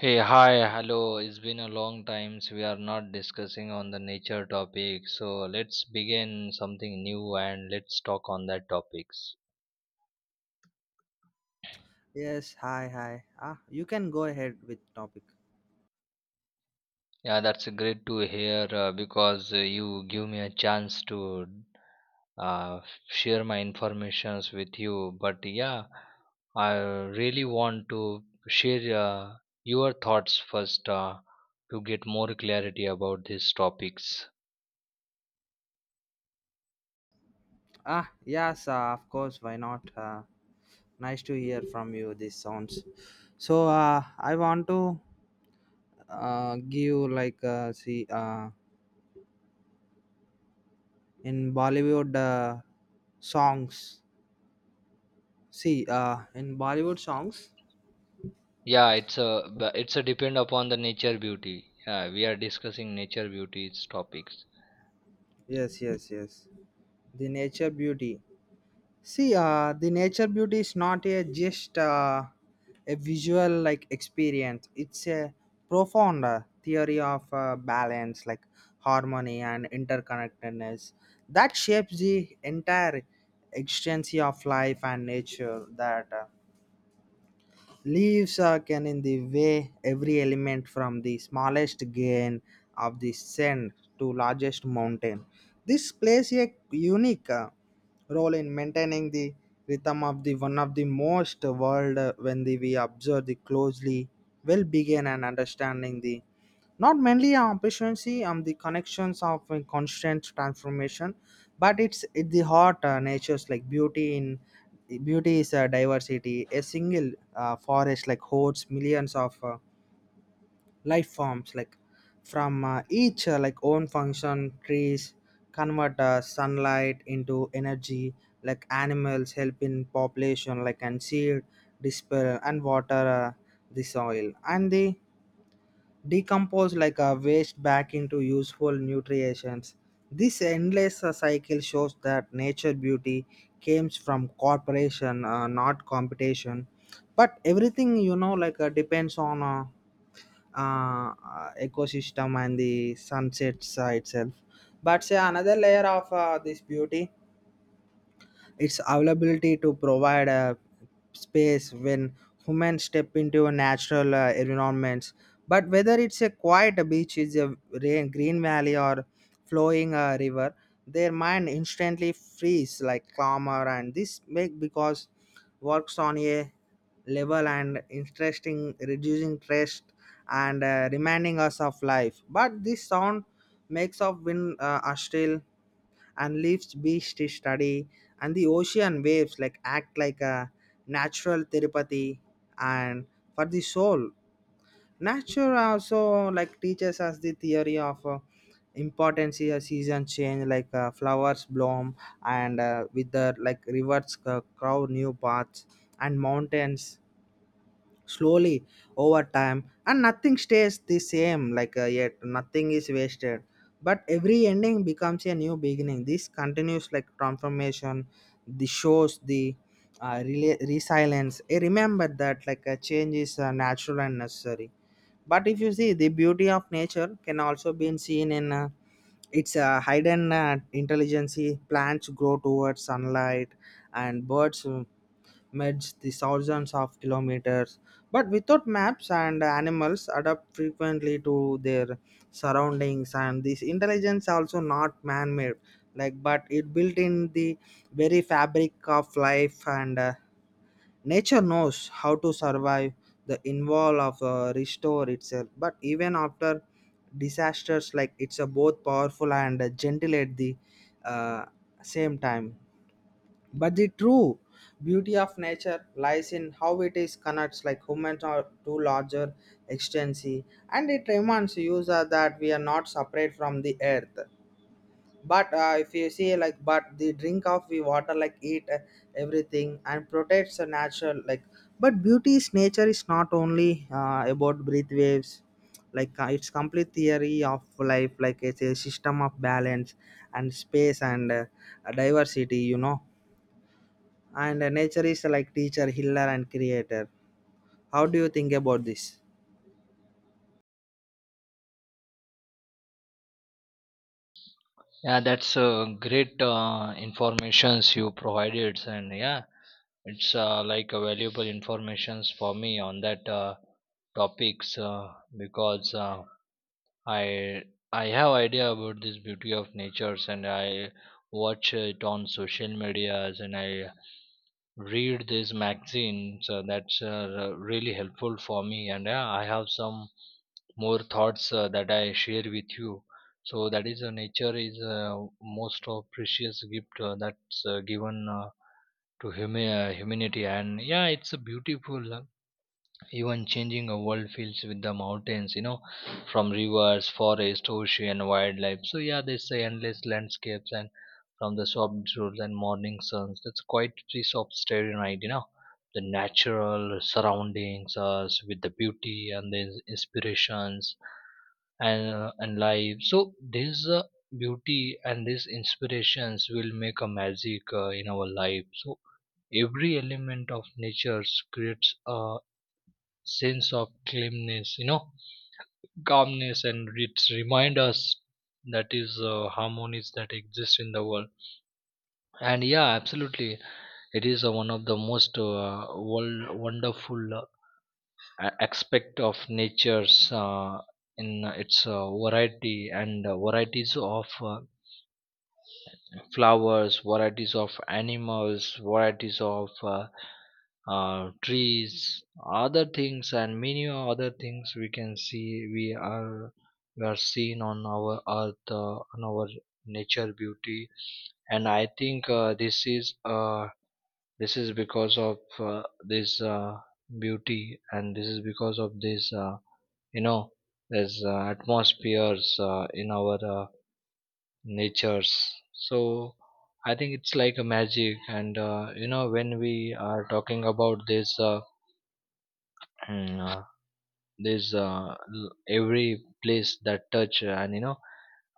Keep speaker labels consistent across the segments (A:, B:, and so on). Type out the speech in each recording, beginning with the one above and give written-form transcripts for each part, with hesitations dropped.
A: Hey, hi, hello. It's been a long time so we are not discussing on the nature topic. So let's begin something new and let's talk on that topics.
B: Yes, hi, hi. You can go ahead with topic.
A: Yeah, that's great to hear because you give me a chance to uh, share my informations with you. But yeah, I really want to share your thoughts first to get more clarity about these topics.
B: Yes, of course. Why not? Nice to hear from you. This sounds. So, I want to give like see in Bollywood songs. See, in Bollywood songs.
A: Yeah, it's a but it's a depend upon the nature beauty. Yeah, we are discussing nature beauties topics.
B: Yes, yes, yes. The nature beauty. See, the nature beauty is not a just a visual like experience. It's a profound theory of balance, like harmony and interconnectedness that shapes the entire existence of life and nature. That leaves can in the way every element from the smallest grain of the sand to largest mountain this plays a unique role in maintaining the rhythm of the one of the most world when we observe the closely will begin and understanding the not mainly on efficiency on the connections of a constant transformation but it's it the heart natures like beauty in beauty is a diversity a single forest like holds millions of life forms like from each like own function trees convert sunlight into energy like animals help in population like and seed disperse and water the soil and the decompose like a waste back into useful nutrients. This endless cycle shows that nature beauty comes from cooperation, not competition. But everything you know, depends on ecosystem and the sunset itself. But say another layer of this beauty its availability to provide a space when humans step into natural environments. But whether it's a quiet beach, is a rain, green valley, or flowing river, their mind instantly frees like calmer, and this make because works on a level and interesting, reducing stress and reminding us of life. But this sound makes of wind are still and leaves beach to study and the ocean waves like act like a natural therapy and for the soul nature also like teaches us the theory of importance here season change flowers bloom and with the like rivers crow new paths and mountains slowly over time and nothing stays the same yet nothing is wasted but every ending becomes a new beginning this continues like transformation the shows the resilience. Remember that like a change is natural and necessary but if you see the beauty of nature can also be seen in its hidden intelligence. Plants grow towards sunlight and birds merge the thousands of kilometers but without maps and animals adapt frequently to their surroundings and this intelligence also not man-made like but it built in the very fabric of life and nature knows how to survive the involve of restore itself but even after disasters like it's a both powerful and gentle at the uh, same time but the true beauty of nature lies in how it is connects like humans are to larger extensi and it reminds user that we are not separate from the earth. But if you see like but the drink of the water like eat everything and protects the natural like but beauty is nature is not only about breath waves it's complete theory of life like it's a system of balance and space and diversity you know and nature is like teacher healer and creator. How do you think about this?
A: Yeah, that's great informations you provided, and yeah, it's like a valuable informations for me on that topics, because i I have idea about this beauty of natures, and I watch it on social medias, and I read these magazines, so that's really helpful for me. And yeah, I have some more thoughts that I share with you. So that is, nature is most of precious gift that's given to humanity, and yeah, it's a beautiful. Even changing a world feels with the mountains, you know, from rivers, forest, ocean, wildlife. So yeah, they say endless landscapes, and from the soft drools and morning suns. That's quite piece of starry night, you know. The natural surroundings us with the beauty and the inspirations and life, so this beauty and these inspirations will make a magic in our life. So every element of nature creates a sense of calmness, you know, calmness, and it reminds us that is harmonies that exist in the world. And yeah, absolutely, it is one of the most world, wonderful aspect of nature's, in its variety, and varieties of flowers, varieties of animals, varieties of trees, other things, and many other things we can see. We are seen on our earth, on our nature beauty. And I think this is because of this beauty, and this is because of this, you know this atmospheres in our natures. So I think it's like a magic. And you know, when we are talking about this, mm, uh, every place that touch, and you know,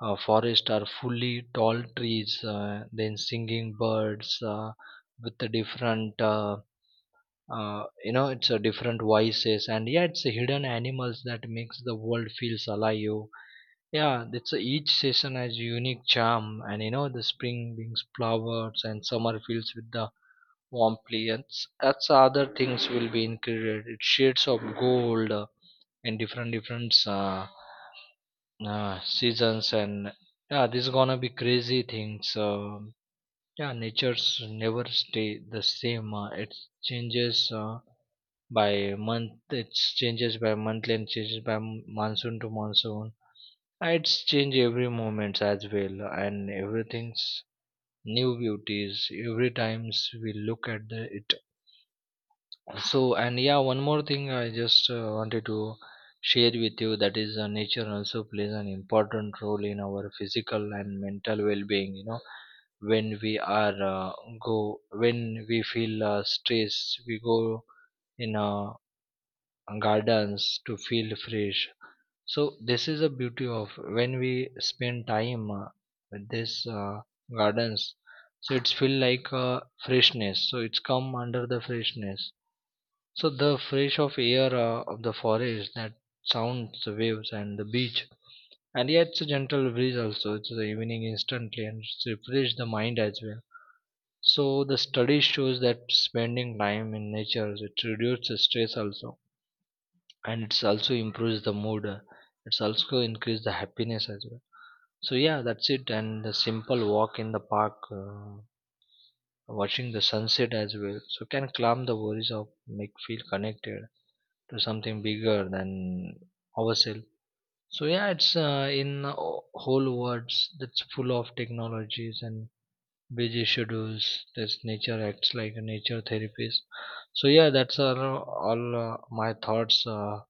A: forest are fully tall trees, then singing birds with the different, you know, it's a different voices, and yeah, it's a hidden animals that makes the world feels alive. Yeah, it's a, each season has unique charm, and you know, the spring brings flowers and summer fills with the warm plants. That's other things will be included. It's shades of gold and different seasons, and yeah, this is gonna be crazy things. Yeah, nature's never stay the same. It changes by month. It changes by monthly and changes by monsoon to monsoon. It's change every moment as well, and everything's new beauties every times we look at the, it. So, and yeah, one more thing I just wanted to share with you, that is, nature also plays an important role in our physical and mental well-being. You know, when we are uh, go when we feel stress, we go in gardens to feel fresh. So this is a beauty of when we spend time with this gardens. So it's feel like freshness. So it's come under the freshness. So the fresh of air of the forest, that sounds the waves and the beach. And yeah, it's a gentle breeze also. It's the evening instantly, and it's refresh the mind as well. So the study shows that spending time in nature, it reduces stress also, and it's also improves the mood. It's also increase the happiness as well. So yeah, that's it. And the simple walk in the park, watching the sunset as well, so can calm the worries of make feel connected to something bigger than ourselves. So yeah, it's in whole words that's full of technologies and busy schedules. This nature acts like a nature therapist. So yeah, that's all my thoughts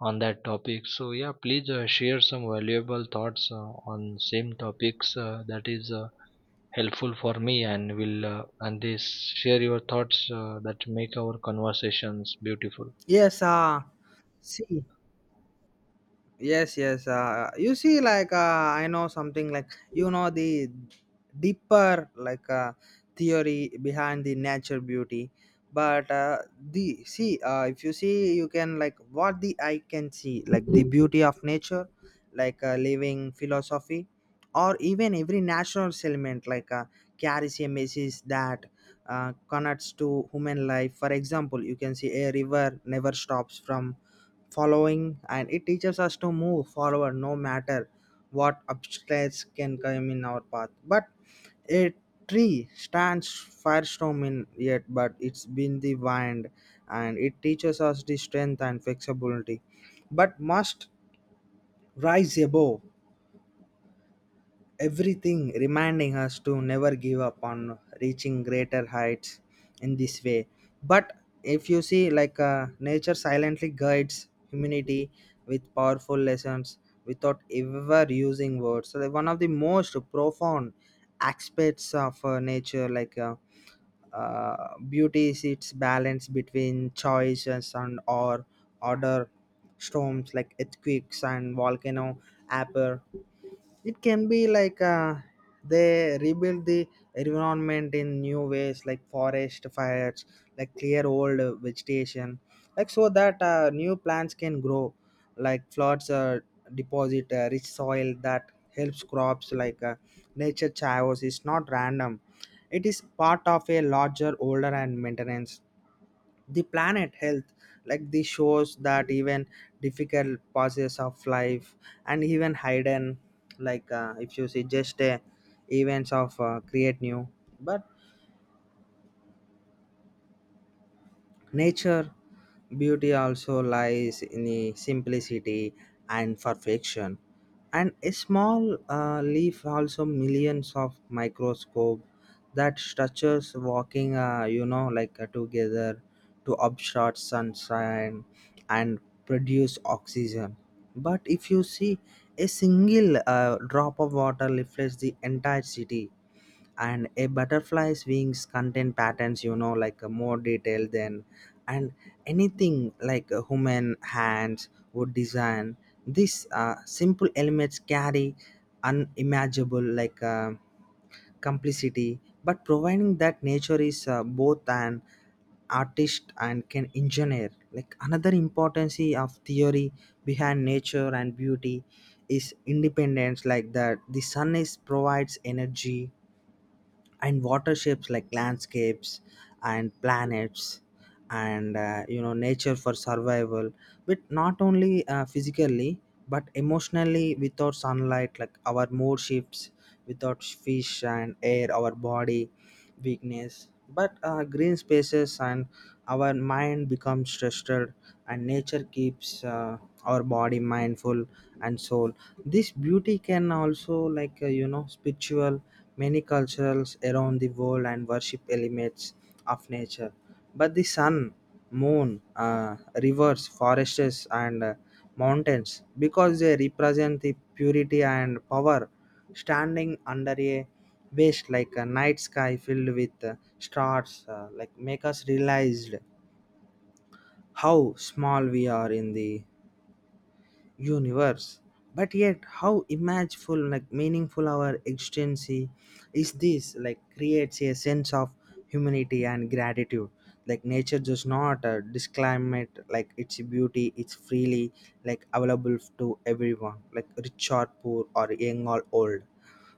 A: on that topic. So yeah, please share some valuable thoughts on same topics that is. Helpful for me, and will and they share your thoughts that make our conversations beautiful.
B: Yes. See, yes, yes, you see I know something like you know the deeper theory behind the nature beauty but the see if you see you can like what the eye can see like the beauty of nature living philosophy or even every natural element carries a message that connects to human life. For example, you can see a river never stops from following and it teaches us to move forward no matter what obstacles can come in our path but a tree stands firestorm in yet but it's been the wind and it teaches us the strength and flexibility but must rise above everything reminding us to never give up on reaching greater heights in this way but if you see nature silently guides humanity with powerful lessons without ever using words so one of the most profound aspects of nature beauty is its balance between choice and sound or order. Storms like earthquakes and volcano appear it can be they rebuild the environment in new ways like forest fires like clear old vegetation like so that new plants can grow like floods deposit rich soil that helps crops nature chaos is not random it is part of a larger older and maintenance the planet health like this shows that even difficult pauses of life and even hidden if you see just events of create new but nature beauty also lies in the simplicity and perfection and a small leaf also millions of microscope that structures walking together to obstruct sunshine and produce oxygen but if you see a single drop of water reflects the entire city and a butterfly's wings contain patterns more detail than and anything like a human hands would design. These simple elements carry unimaginable complicity but providing that nature is both an artist and can engineer like another importance of theory behind nature and beauty is independence like that the sun is provides energy and water shapes like landscapes and planets and you know nature for survival but not only physically but emotionally without sunlight like our mood shifts without fish and air our body weakness but green spaces and our mind becomes stressed and nature keeps our body mindful and soul. This beauty can also you know spiritual. Many cultures around the world and worship elements of nature, but the sun, moon, rivers, forests, and mountains because they represent the purity and power. Standing under a waste like a night sky filled with stars, like make us realize how small we are in the universe. But yet, how imageful, like meaningful our existence is this, like creates a sense of humanity and gratitude. Like nature does not disclaim it, like its beauty, it's freely like available to everyone, like rich or poor or young or old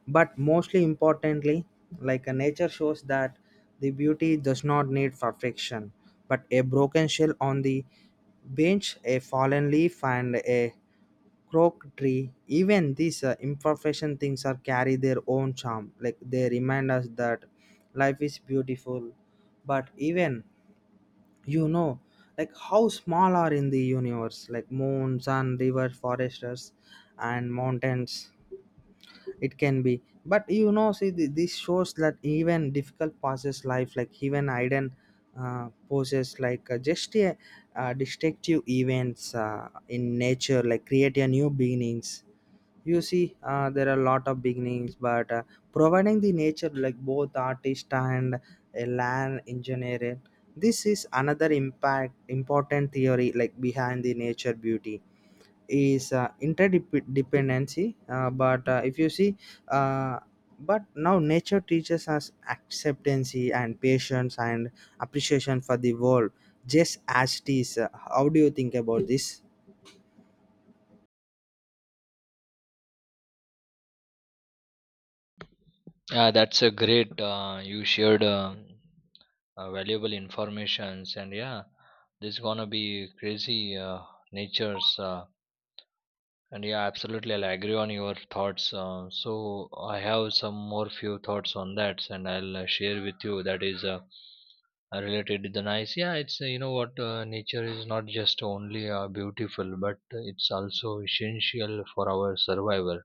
B: but mostly importantly like a nature shows that the beauty does not need perfection but a broken shell on the bench a fallen leaf and a croak tree even these imperfection things are carry their own charm like they remind us that life is beautiful but even you know like how small are in the universe like moon sun river foresters and mountains it can be, but you know, see, this shows that even difficult passes life, like even iden, poses, just a destructive events in nature, like create a new beginnings. You see, there are a lot of beginnings, but providing the nature, like both artist and a land engineer, this is another impact important theory, like behind the nature beauty is interdependency but if you see uh, but now nature teaches us acceptance and patience and appreciation for the world just as it is. How do you think about this?
A: Yeah, that's a great. You shared, valuable informations, and yeah, this gonna be crazy uh, natures. And yeah, absolutely, I'll agree on your thoughts. So I have some more few thoughts on that, and I'll share with you. That is. Related to the nice. Yeah, it's you know what, nature is not just only beautiful, but it's also essential for our survival,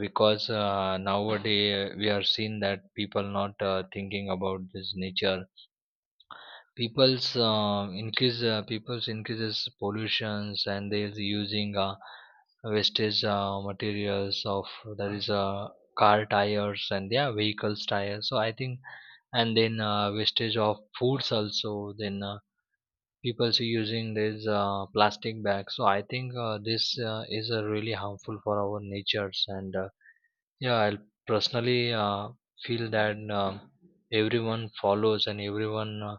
A: because nowadays we are seeing that people not thinking about this nature. People's uh, increase uh, people's increases pollutions, and they're using wastage materials of, that is car tires and yeah vehicles tires. So I think, and then wastage of foods also, then people see using these plastic bags. So I think this is really harmful for our natures. And yeah, I personally feel that everyone follows and everyone uh,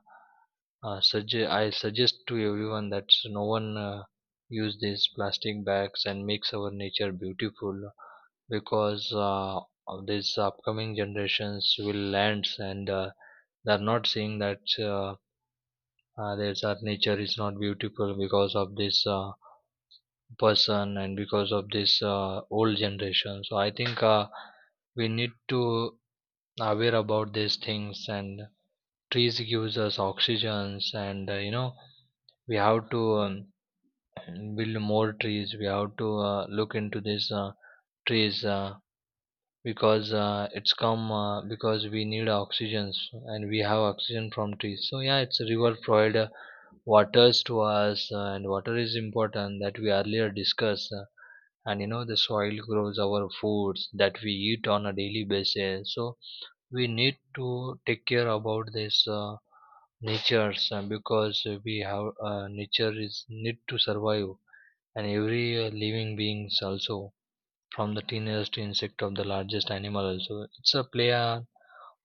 A: uh, sugge- I suggest to everyone that no one use these plastic bags and makes our nature beautiful. Because of these upcoming generations will land, and they're not seeing that, there's our nature is not beautiful because of this person, and because of this old generation. So I think we need to aware about these things. And trees gives us oxygens. And you know, we have to, build more trees. We have to look into these trees, because it's come because we need oxygen, and we have oxygen from trees. So yeah, it's a river provide waters to us, and water is important that we earlier discussed. And you know, the soil grows our foods that we eat on a daily basis. So we need to take care about this natures, because we have, nature is need to survive. And every living beings also, from the tiniest insect of the largest animal, also it's a play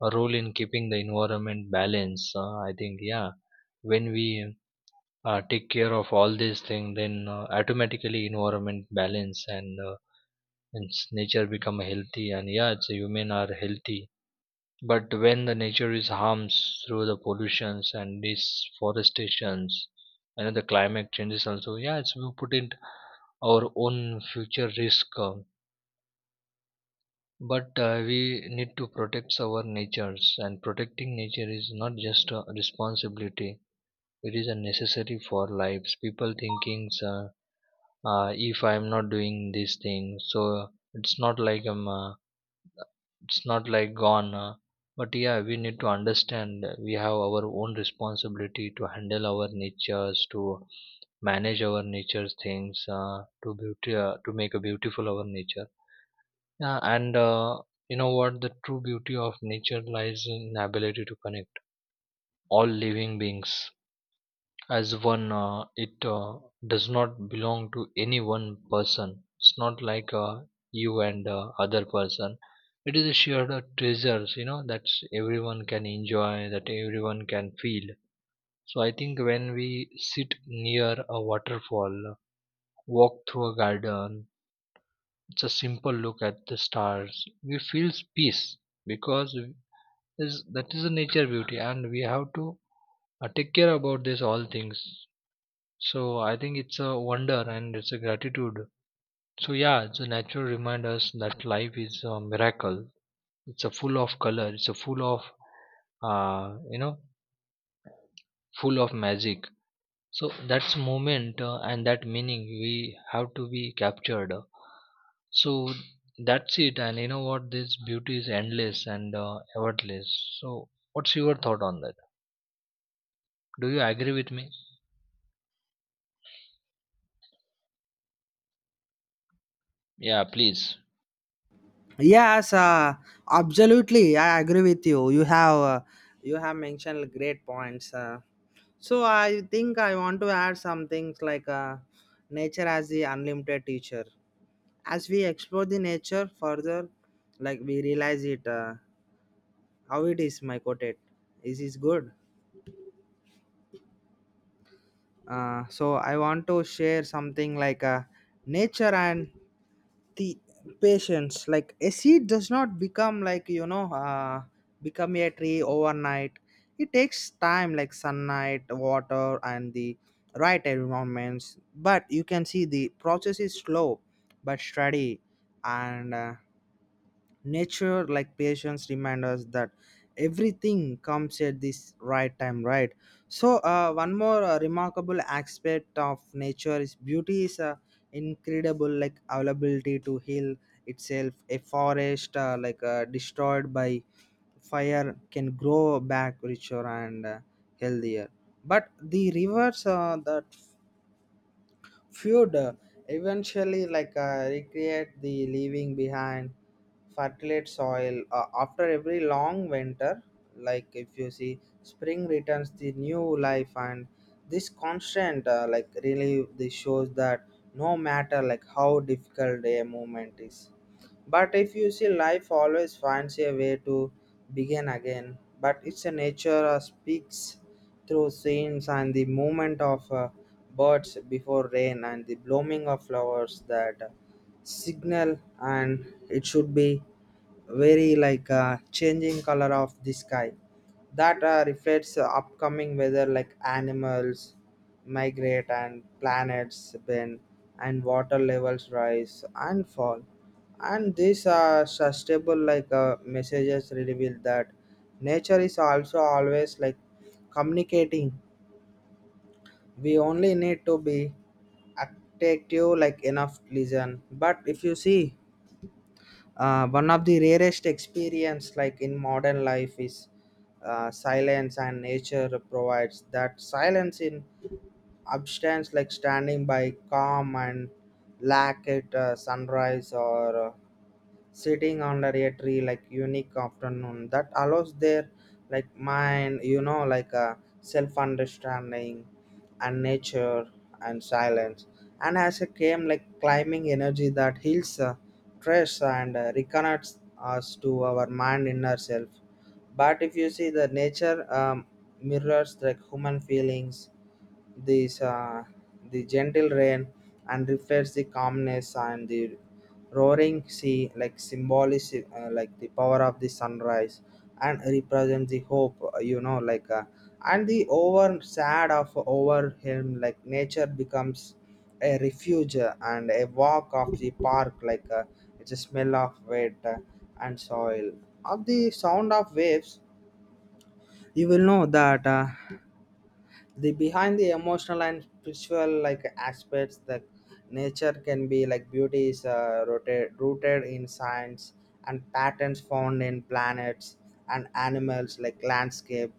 A: a role in keeping the environment balance. I think, yeah, when we take care of all these things, then automatically environment balance, and nature become healthy, and yeah, it's human are healthy. But when the nature is harmed through the pollutions and deforestations, and the climate changes also, yeah, it's we put it our own future risk. But we need to protect our natures, and protecting nature is not just a responsibility; it is a necessary for lives. People thinking, if I am not doing these things, so it's not like I'm, it's not like gone. But yeah, we need to understand that we have our own responsibility to handle our natures, to manage our nature's things, to beauty, to make a beautiful our nature. Yeah, and you know what? The true beauty of nature lies in the ability to connect all living beings as one. It does not belong to any one person. It's not like you and other person. It is a shared treasures, you know, that everyone can enjoy, that everyone can feel. So I think when we sit near a waterfall, walk through a garden, it's a simple look at the stars. We feel peace, because is that is the nature beauty, and we have to take care about this all things. So I think it's a wonder, and it's a gratitude. So yeah, it's a natural reminder us that life is a miracle. It's a full of color, it's a full of, you know, full of magic. So that's moment and that meaning we have to be captured. So that's it. And you know what, this beauty is endless, and effortless. So what's your thought on that? Do you agree with me? Yeah, please.
B: Yes, absolutely I agree with you. You have you have mentioned great points. So I think I want to add some things nature as the unlimited teacher. As we explore the nature further like we realize it how it is mycotate is good. So I want to share something nature and the patience like a seed does not become become a tree overnight. It takes time like sunlight water and the right environments but you can see the process is slow but steady and nature like patience remind us that everything comes at this right time right. So one more remarkable aspect of nature is beauty is incredible like availability to heal itself. A forest destroyed by fire can grow back richer and healthier but the rivers that feud eventually recreate the leaving behind fertilized soil after every long winter like if you see spring returns the new life and this constant like really this shows that no matter like how difficult a moment is but if you see life always finds a way to begin again but it's a nature speaks through scenes and the movement of birds before rain and the blooming of flowers that signal and it should be very changing color of the sky that reflects upcoming weather like animals migrate and planets bend and water levels rise and fall and these are sustainable messages reveal that nature is also always like communicating. We only need to be attentive like enough listen but if you see one of the rarest experience like in modern life is silence and nature provides that silence in abstinence like standing by calm and lack at sunrise or sitting under a tree like unique afternoon that allows their like mind a self understanding and nature and silence and as a came like climbing energy that heals stress and reconnects us to our mind inner self. But if you see the nature mirrors like human feelings. This the gentle rain and reflects the calmness and the roaring sea, like symbolic, like the power of the sunrise, and represents the hope. You know, and the over sad of over him, like nature becomes a refuge and a walk of the park, it's a smell of wet and soil. Of the sound of waves, you will know that. The behind the emotional and spiritual like aspects that nature can be like beauty is rooted in science and patterns found in planets and animals like landscape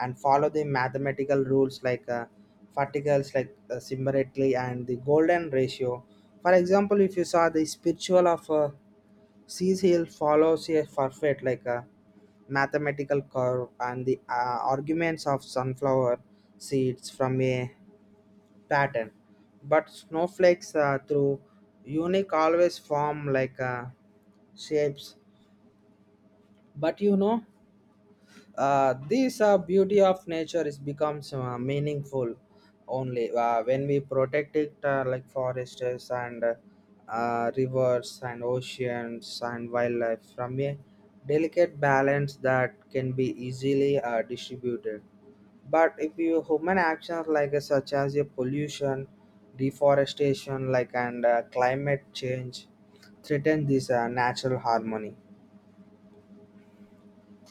B: and follow the mathematical rules particles symbolically and the golden ratio. For example, if you saw the spiritual of CCL follows a perfect like a mathematical curve and the arguments of sunflower seeds from a pattern. But snowflakes through unique always form shapes. But you know, this beauty of nature is becomes meaningful only when we protect it like forests and rivers and oceans and wildlife from a delicate balance that can be easily distributed but if you human actions such as a pollution deforestation like and climate change threaten this natural harmony.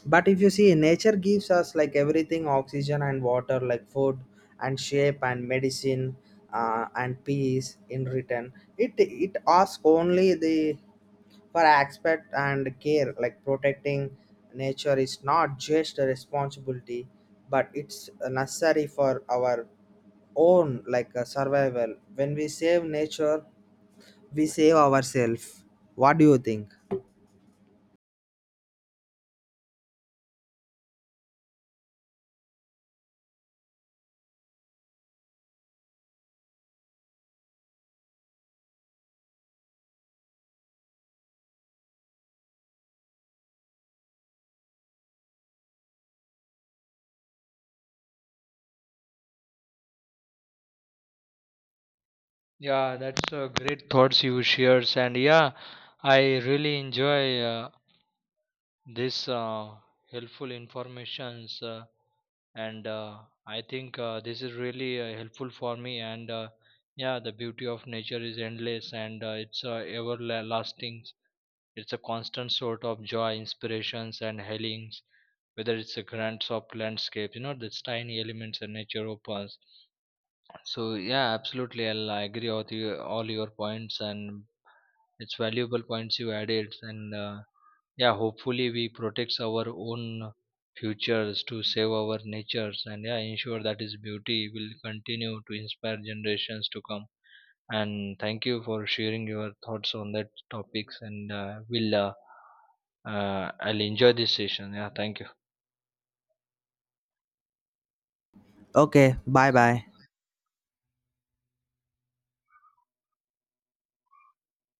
B: But if you see nature gives us like everything oxygen and water like food and shape and medicine and peace in return it asks only the for aspect and care like protecting nature is not just a responsibility but it's necessary for our own survival. When we save nature we save ourselves. What do you think?
A: Yeah, that's great thoughts you shares, and yeah, I really enjoy this helpful informations, and I think this is really helpful for me. And yeah, the beauty of nature is endless, and it's everlasting. It's a constant sort of joy, inspirations, and healings. Whether it's a grand soft landscape, you know, the tiny elements that nature opens. So yeah, absolutely, I'll agree with you, all your points, and it's valuable points you added. And yeah, hopefully we protect our own futures to save our natures, and yeah, ensure that its beauty will continue to inspire generations to come. And thank you for sharing your thoughts on that topics. And will I'll enjoy this session. Yeah, thank you.
B: Okay, bye bye.